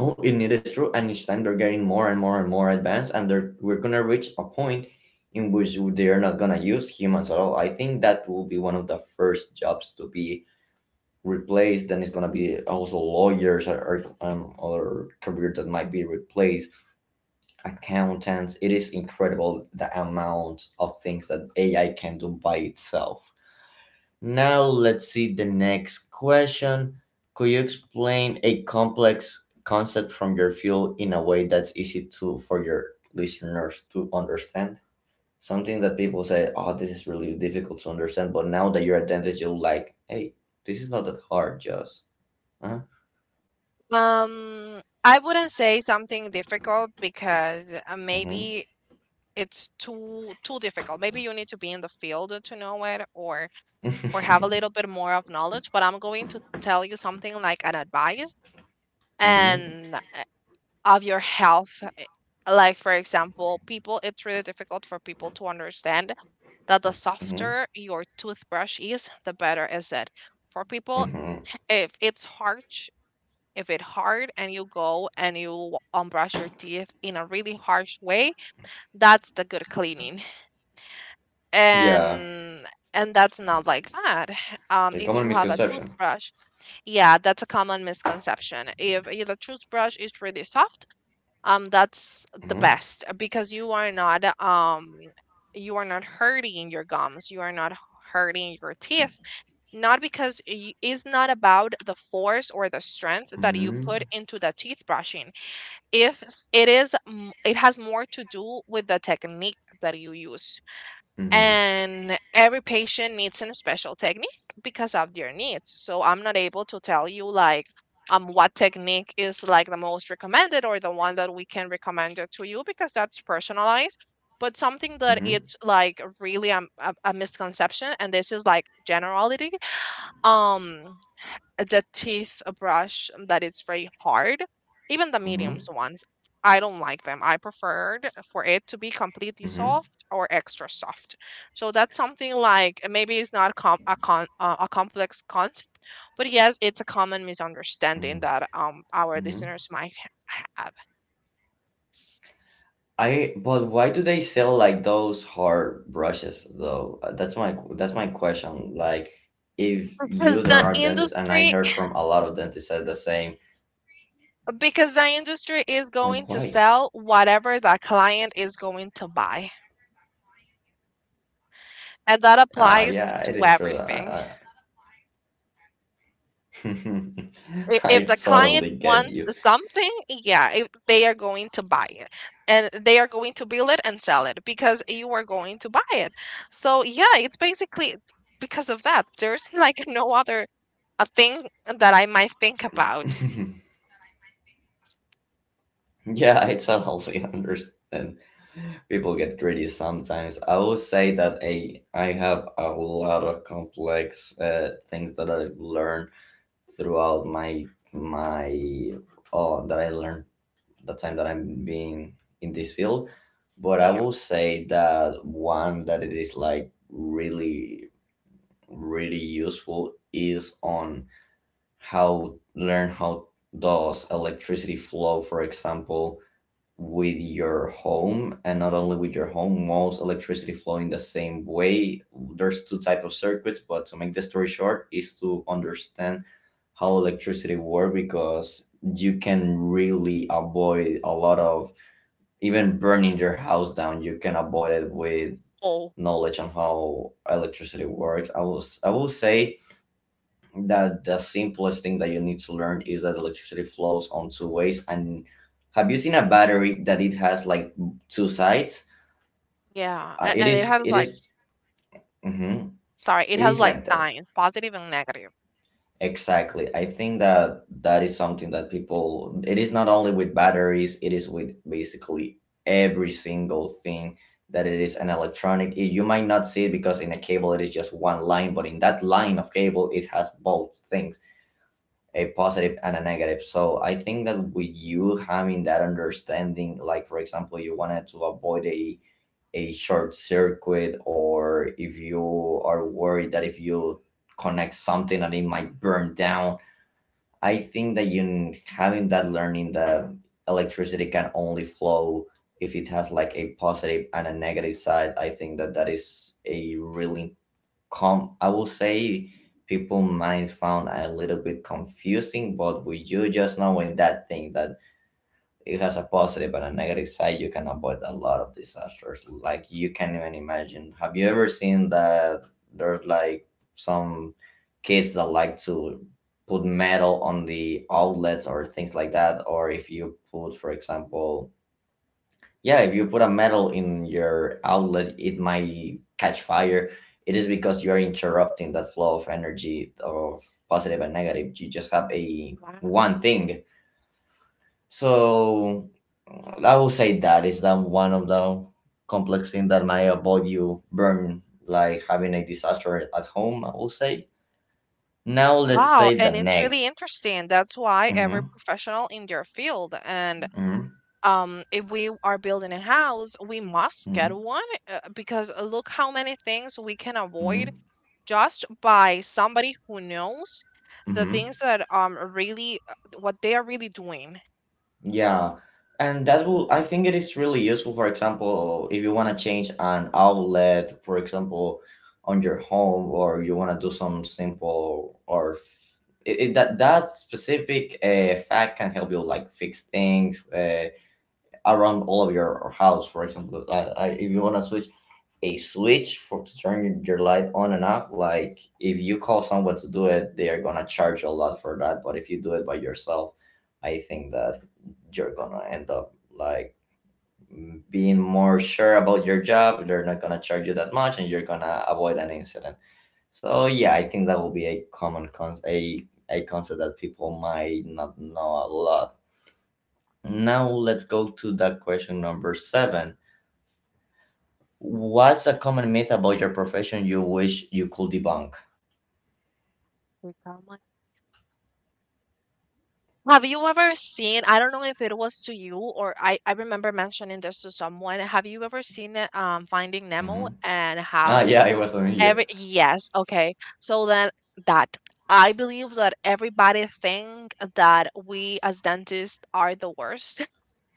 No, it is true, and each time they're getting more and more and more advanced, and they're we're gonna reach a point in which they're not gonna use humans at all. I think that will be one of the first jobs to be replaced, and it's gonna be also lawyers or other career that might be replaced, accountants. It is incredible the amount of things that AI can do by itself. Now let's see the next question. Could you explain a complex concept from your field in a way that's easy to for your listeners to understand? Something that people say, "Oh, this is really difficult to understand," but now that you're a dentist, you're like, "Hey, this is not that hard, just." Huh?
I wouldn't say something difficult because
Hmm.
maybe it's too difficult. Maybe you need to be in the field to know it, or have a
Hmm.
little bit more of knowledge, but I'm going to tell you something like an advice, and of your health. Like, for example, people, it's really difficult for people to understand that the
Hmm.
softer your toothbrush is, the better is it. For people,
Hmm.
if it's harsh, if it hard and you go and you unbrush your teeth in a really harsh way, that's the good cleaning.
Yeah,
And that's not like that.
a
If
common
you have a
misconception.
toothbrush. Yeah, that's a common misconception. If the toothbrush is really soft, that's the
Hmm.
best because you are not um, you are not hurting your gums. You are not hurting your teeth. Not because it's not about the force or the strength that you put
Hmm.
into the teeth brushing. If s- it is, m- It has more to do with the technique that you use,
Hmm.
and every patient needs a special technique because of their needs. So I'm not able to tell you like what technique is like the most recommended or the one that we can recommend it to you, because that's personalized. But something that
Hmm.
it's like really a misconception, and this is like generality, um the teeth brush that is very hard. Even the
Hmm.
mediums ones, I don't like them. I preferred for it to be completely
Hmm.
soft or extra soft. So that's something like maybe it's not a complex concept, but yes, it's a common misunderstanding
Mhm.
that our
Hmm.
listeners might have.
I but why do they sell like those hard brushes though? That's my question. Like, if you
Because
there
the
are dentists, and I
industry,
heard from a lot of dentists said the same.
because the industry is going
Like,
to
why?
sell whatever the client is going to buy, and that applies
Yeah, it
to
is true.
everything.
I, I
If the client
totally get
wants
you.
something, yeah, if they are going to buy it, and they are going to build it and sell it because you are going to buy it. So, yeah, it's basically because of that. There's like no other a thing that I might think about.
yeah, I totally understand. People get greedy sometimes. I will say that I have a lot of complex things that I've learned throughout my my oh that I learned the time that I'm being in this field. But I
Yeah.
will say that one that it is like really really useful is on how learn how does electricity flow, for example, with your home and not only with your home walls electricity flowing the same way. There's two type of circuits, but to make the story short is to understand how electricity work because you can really avoid a lot of even burning your house down. You can avoid it with
Oh,
knowledge on how electricity works. I will say that the simplest thing that you need to learn is that electricity flows on two ways, and have you seen a battery that it has like two sides?
yeah.
uh, it
And it
is
has
it
like,
is- mhm,
sorry, it
it
has
is
like
like that
signs, positive and negative.
exactly. I think that that is something that people it is not only with batteries, it is with basically every single thing that it is an electronic. It- you might not see it because in a cable it is just one line, but in that line of cable it has both things, a positive and a negative. So I think that with you having that understanding, like, for example, you wanted to avoid a short circuit, or if you are worried that if you connect something that it might burn down, I think that you having that learning that electricity can only flow if it has like a positive and a negative side. I think that that is a really com I will say people might found a little bit confusing, but with you just knowing that thing that it has a positive and a negative side, you can avoid a lot of disasters. Like you can even imagine. Have you ever seen that there's like some kids that like to put metal on the outlets or things like that, or if you put, for example, yeah, if you put a metal in your outlet it might catch fire. It is because you are interrupting that flow of energy of positive and negative. You just have a
Wow.
one thing. So I will say that is that one of the complex things that might avoid you burn like having a disaster at home, I will say now let's
Wow,
say the
and it's
neck.
really interesting. That's why
Hmm.
every professional in their field, and
Hmm.
if we are building a house we must get one, because look how many things we can avoid
Hmm.
just by somebody who knows the
Hmm.
things that really what they are really doing.
Yeah, and that will, I think it is really useful, for example, if you want to change an outlet, for example, on your home, or you want to do some simple or that that specific fact can help you like fix things around all of your house. For example, if you want to switch a switch for to turn your light on and off. Like if you call someone to do it, they are gonna charge you a lot for that. But if you do it by yourself, I think that you're gonna end up like being more sure about your job. They're not gonna charge you that much, and you're gonna avoid an incident. So yeah, I think that will be a common con a concept that people might not know a lot. Now let's go to that question number 7. What's a common myth about your profession you wish you could debunk?
Like, I'm like, have you ever seen, I don't know if it was to you or I remember mentioning this to someone, have you ever seen it, Finding Nemo,
Hmm.
and
Ah,
how.
yeah, it was on me.
Every, yes, okay. So then, that, I believe that everybody think that we as dentists are the worst,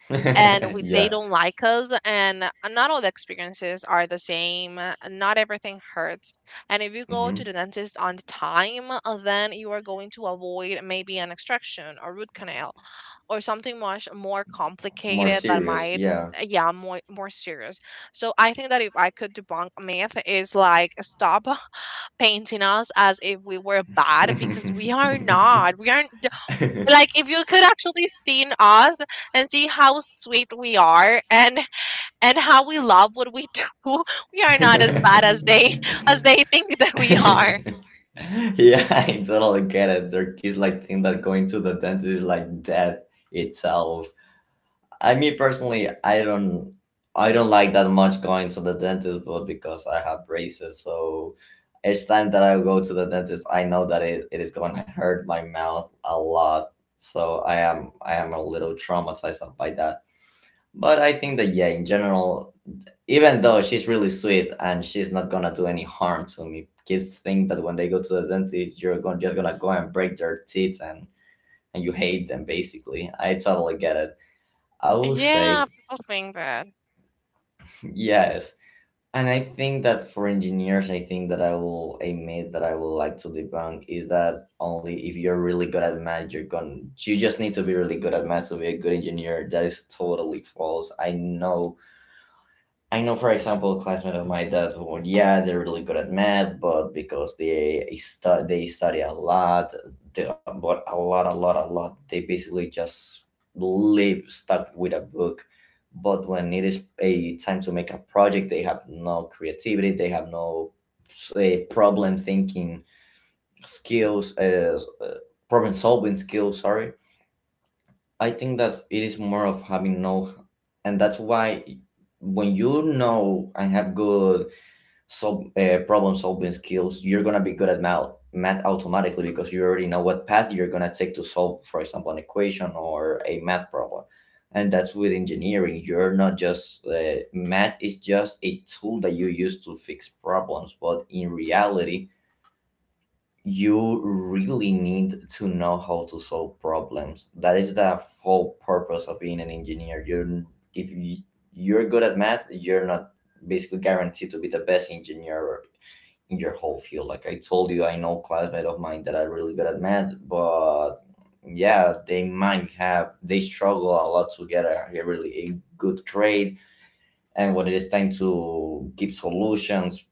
and
Yeah,
we, they
yeah.
don't like us, and not all the experiences are the same. Not everything hurts. And if you go to
Hmm.
the dentist on time, then you are going to avoid maybe an extraction or root canal or something much more
More
complicated that
serious.
might,
Yeah.
more serious. So I think that if I could debunk a myth is like stop painting us as if we were bad, because we
yeah,
are not. We aren't d- Like if you could actually seen us and see how sweet we are, and how we love what we do, we are not as bad as they, as they think that we are.
I totally get it. There is like think that going to the dentist is like death itself. I me personally, I don't like that much going to the dentist, but because I have braces, so each time that I go to the dentist, I know that it is going to hurt my mouth a lot. So I am a little traumatized by that. But I think that yeah, in general, even though she's really sweet and she's not gonna do any harm to me, kids think that when they go to the dentist, you're going just gonna go and break their teeth and you hate them basically. I totally get it. I will say
Yeah, people think that.
yes. And I think that for engineers, I think that I will, a myth that I would like to debunk is that only if you're really good at math, you're going, to you just need to be really good at math to be a good engineer. That is totally false. I know, for example, a classmate of mine that, well, yeah, they're really good at math, but because they they study a lot, they, but a lot, a lot, a lot, they basically just live stuck with a book. But when it is a time to make a project, they have no creativity, they have no say problem thinking skills, uh, uh, problem solving skills. Sorry, I think that it is more of having know, and that's why when you know and have good problem solving skills, you're gonna be good at math, math automatically because you already know what path you're gonna take to solve, for example, an equation or a math problem. And that's with engineering. You're not just math is just a tool that you use to fix problems, but in reality, you really need to know how to solve problems. That is the whole purpose of being an engineer. If you, you're good at math, you're not basically guaranteed to be the best engineer in your whole field. Like I told you, I know classmate of mine that are really good at math, but yeah, they might have they struggle a lot to get a really a good grade. And when it is time to give solutions,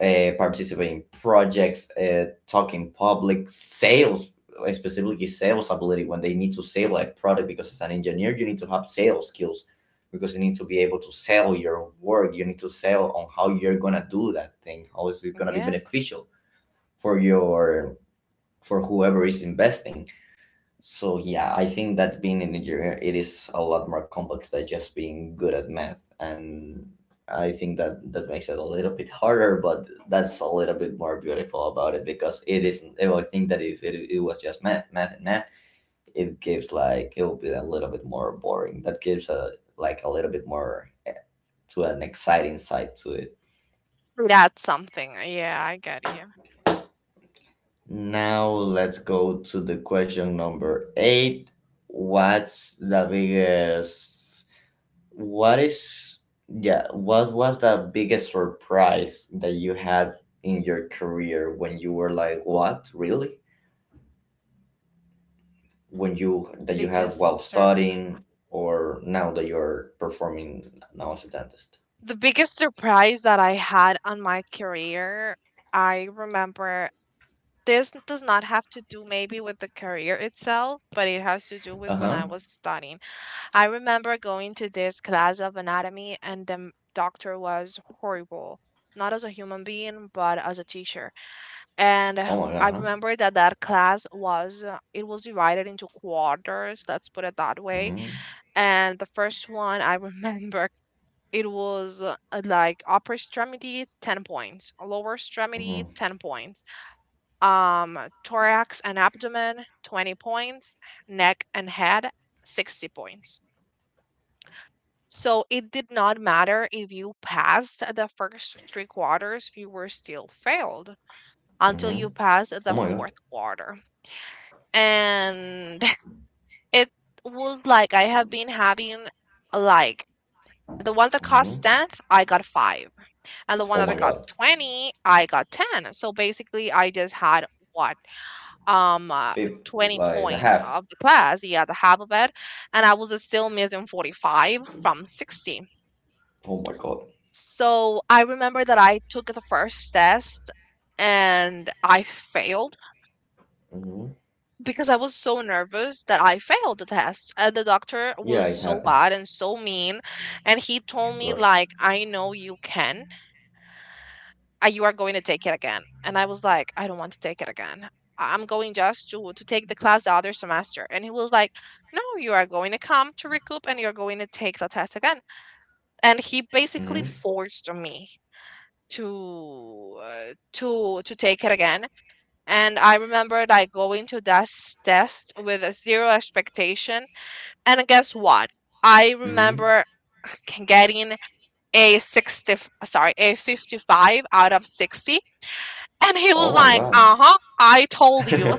participate in projects, talk in public, sales, specifically sales ability when they need to sell a product. Because as an engineer, you need to have sales skills because you need to be able to sell your work. You need to sell on how you're gonna do that thing. How is it gonna be
Yes.
beneficial for your for whoever is investing? So yeah, I think that being an engineer, it is a lot more complex than just being good at math, and I think that that makes it a little bit harder, but that's a little bit more beautiful about it because it isn't. I think that if it was just math, math, and math, it gives like it would be a little bit more boring. That gives a like a little bit more to an exciting side to it.
That's something. Yeah, I get you.
Now let's go to the question number eight. What's the biggest What is yeah, what was the biggest surprise that you had in your career when you were like, what, really? When you that you had while
Biggest sur-
studying or now that you're performing now as a dentist?
the biggest surprise that I had on my career, I remember, this does not have to do maybe with the career itself, but it has to do with when
Uh-huh.
I was studying. I remember going to this class of anatomy, and the doctor was horrible, not as a human being, but as a teacher. And
Oh my god,
I
huh?
remember that that class was it was divided into quarters. Let's put it that way.
Mm-hmm.
And the first one, I remember. It was like upper extremity 10 points, lower
Mm-hmm.
extremity 10 points, um, thorax and abdomen, 20 points, neck and head, 60 points. So it did not matter if you passed the first three quarters, you were still failed until
Mm-hmm.
you passed
Oh
the
my god.
fourth quarter. And it was like I have been having like, the one that
Mm-hmm.
cost 10th, I got five. And the one
Oh
that
my
I got
god.
20, I got 10. So basically, I just had what, um uh,
Fifth
20
like the
points
half.
of the class. He had half of it, and I was still missing 45 from 60.
Oh my god.
So I remember that I took the first test and I failed,
Mm-hmm.
because I was so nervous that I failed the test, and the doctor
Yeah, it
was so
happens.
bad and so mean, and he told me
Ugh.
like, I know you can. You are going to take it again." And I was like, I don't want to take it again. I'm going just to take the class the other semester. And he was like, no, you are going to come to recoup, and you're going to take the test again. And he basically
Mm-hmm.
forced me to to take it again. And I remember I going to that test with a zero expectation, and guess what, I
Mm-hmm.
remember getting a 60, sorry, a 55 out of 60, and he was
Oh my
like,
god.
"Uh-huh, I told you."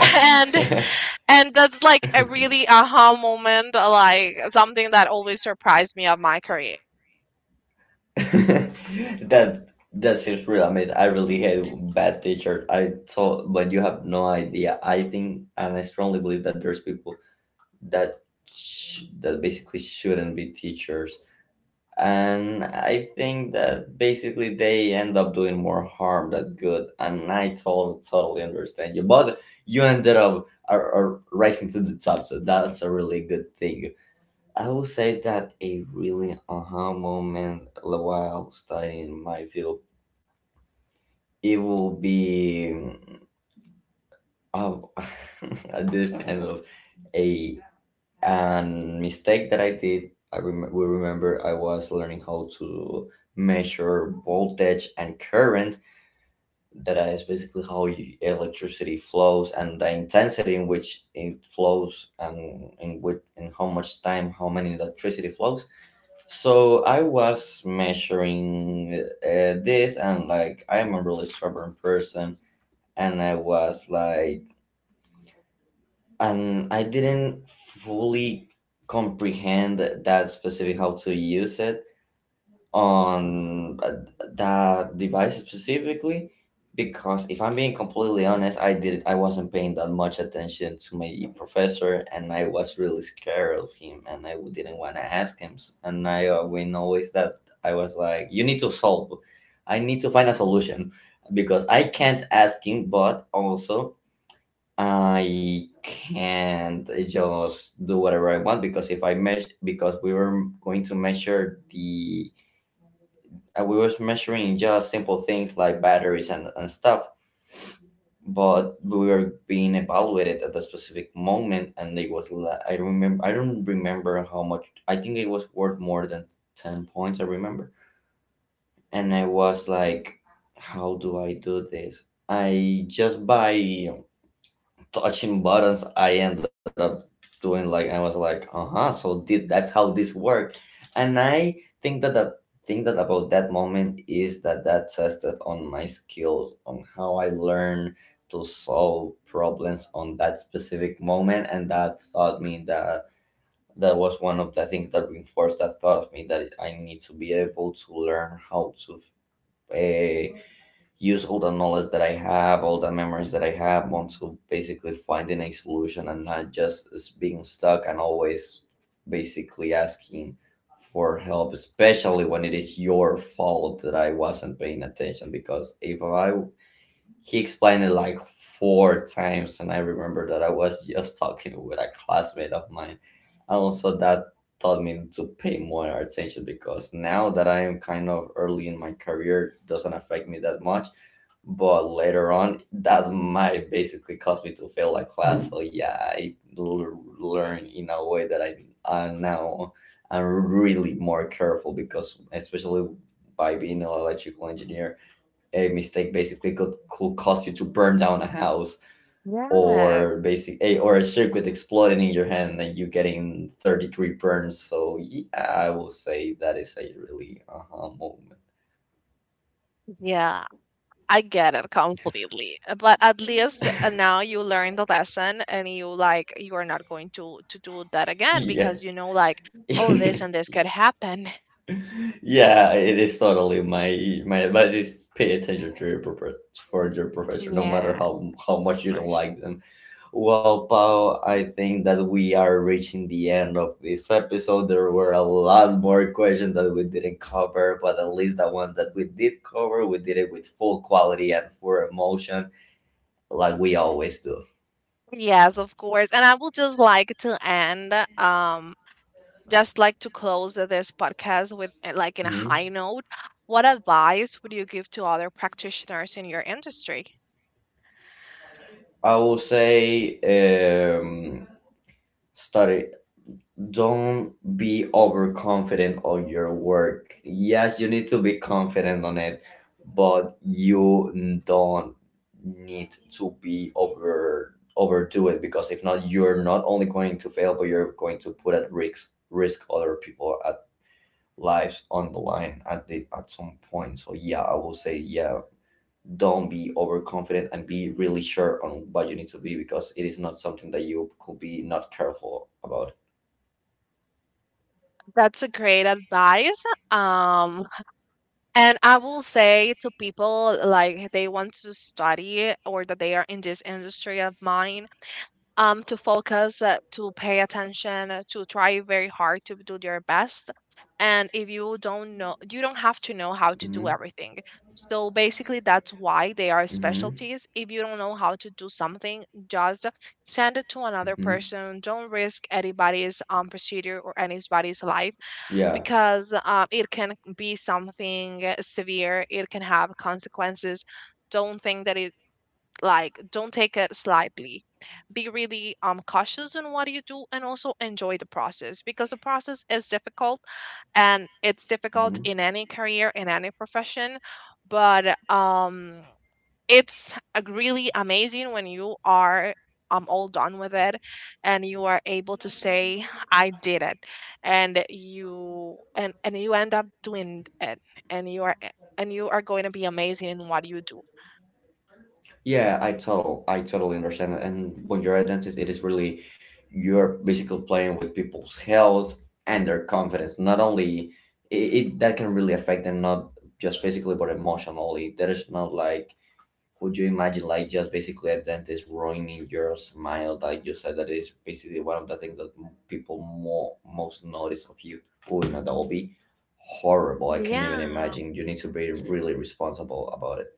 And that's like a really aha moment, like something that always surprised me of my career.
that that seems really amazing. I really hate bad teachers. I thought, but you have no idea. I think, and I strongly believe that there's people that basically shouldn't be teachers, and I think that basically they end up doing more harm than good. And I totally understand you, but you ended up are rising to the top, so that's a really good thing. I will say that a really aha moment while studying my field, it will be um, this kind of a And mistake that I did, I rem- we remember I was learning how to measure voltage and current. That is basically how you- electricity flows and the intensity in which it flows and in which and how much time, how many electricity flows. So I was measuring this, and like I'm a really stubborn person, and I was like and I didn't fully comprehend that specific how to use it on that device specifically because if I'm being completely honest, I wasn't paying that much attention to my professor, and I was really scared of him, and I didn't want to ask him, and I we noticed that I was like you need to solve I need to find a solution because I can't ask him, but also I can't just do whatever I want because if I measure because we were going to measure the we were measuring just simple things like batteries and stuff, but we were being evaluated at a specific moment, and it was I remember I don't remember how much, I think it was worth more than 10 points, I remember. And I was like how do I do this, I just buy touching buttons. I ended up doing like I was like uh-huh, so did that's how this worked. And I think that the thing that about that moment is that that tested on my skills on how I learn to solve problems on that specific moment, and that taught me that that was one of the things that reinforced that thought of me that I need to be able to learn how to uh, use all the knowledge that I have, all the memories that I have, want to basically finding a solution and not just being stuck and always basically asking for help, especially when it is your fault that I wasn't paying attention. Because if I he explained it like four times, and I remember that I was just talking with a classmate of mine, and also that taught me to pay more attention because now that I am kind of early in my career, it doesn't affect me that much, but later on that might basically cause me to fail that class. So yeah, I learn in a way that I now I'm really more careful, because especially by being an electrical engineer, a mistake basically could cause you to burn down a house
Yes.
or basic a, or a circuit exploding in your hand and you getting 30-degree burns. So yeah, I will say that is a really uh-huh moment.
Yeah, I get it completely. But at least now you learn the lesson, and you like you are not going to do that again
Yeah.
because you know like, oh,
Yeah,
this and this could happen.
it is totally my advice is pay attention to your for your professor no matter
Yeah, of
how much you don't
course.
like them. Well, Pao, I think that we are reaching the end of this episode. There were a lot more questions that we didn't cover, but at least the ones that we did cover, we did it with full quality and full emotion like we always do.
Yes, of course. And I would just like to end, just like to close this podcast with like in a
Mhm.
high note, what advice would you give to other practitioners in your industry?
I will say study. Don't be overconfident on your work. Yes, you need to be confident on it, but you don't need to be overdo it, because if not, you're not only going to fail, but you're going to put at risk risk other people at lives on the line at the at some point. So yeah, I will say yeah, don't be overconfident and be really sure on what you need to be because it is not something that you could be not careful about.
That's a great advice. Um, and I will say to people like they want to study, or that they are in this industry of mine, to focus, to pay attention, to try very hard to do your best. And if you don't know, you don't have to know how to do
Hmm.
everything. So basically, that's why they are
Hmm.
specialties. If you don't know how to do something, just send it to another
Hmm.
person. Don't risk anybody's procedure or anybody's life,
Yeah.
because it can be something severe. It can have consequences. Don't think that it, like, don't take it slightly. Be really cautious in what you do, and also enjoy the process, because the process is difficult, and it's difficult
Hmm.
in any career, in any profession. But it's a really amazing when you are all done with it, and you are able to say I did it, and you end up doing it, and you are, and you are going to be amazing in what you do.
Yeah, I totally understand that. And when you're a dentist, it is really you're basically playing with people's health and their confidence. Not only it that can really affect them, not just physically but emotionally. There is not like could you imagine like just basically a dentist ruining your smile, like you said that is basically one of the things that people more most notice of you. Oh no, that will be horrible, I can't even
Yeah.
imagine, you need to be really responsible about it.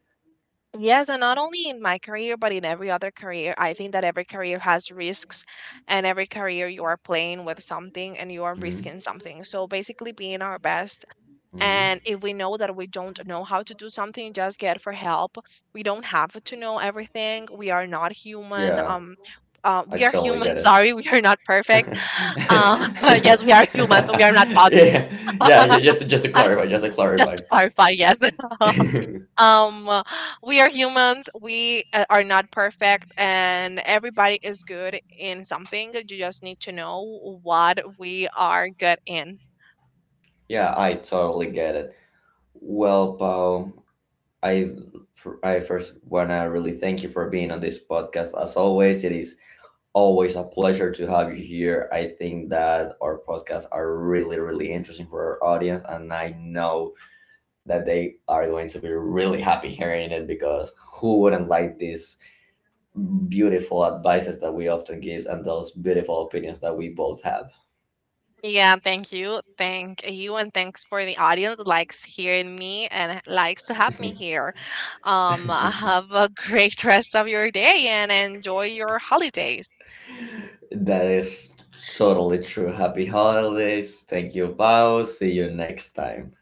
Yes, and not only in my career, but in every other career. I think that every career has risks, and every career you are playing with something and you are
Hmm.
risking something. So basically, being our best.
Hmm.
And if we know that we don't know how to do something, just get for help. We don't have to know everything. We are not human.
Yeah, I
We are
totally
human.
get it.
Sorry, we are not perfect. Um, yes, we are human, so we are not bots.
Just to clarify
Just to clarify, yes. um uh, we are humans, we are not perfect, and everybody is good in something. You just need to know what we are good in.
yeah, I totally get it. Well, Paul. I I first wanna really thank you for being on this podcast. As always, it is always a pleasure to have you here. I think that our podcasts are really interesting for our audience, and I know that they are going to be really happy hearing it because who wouldn't like these beautiful advices that we often give and those beautiful opinions that we both have.
Yeah, thank you, thank you, and thanks for the audience that likes hearing me and likes to have me here. Um, have a great rest of your day and enjoy your holidays.
That is totally true. Happy holidays. Thank you, Pao. See you next time.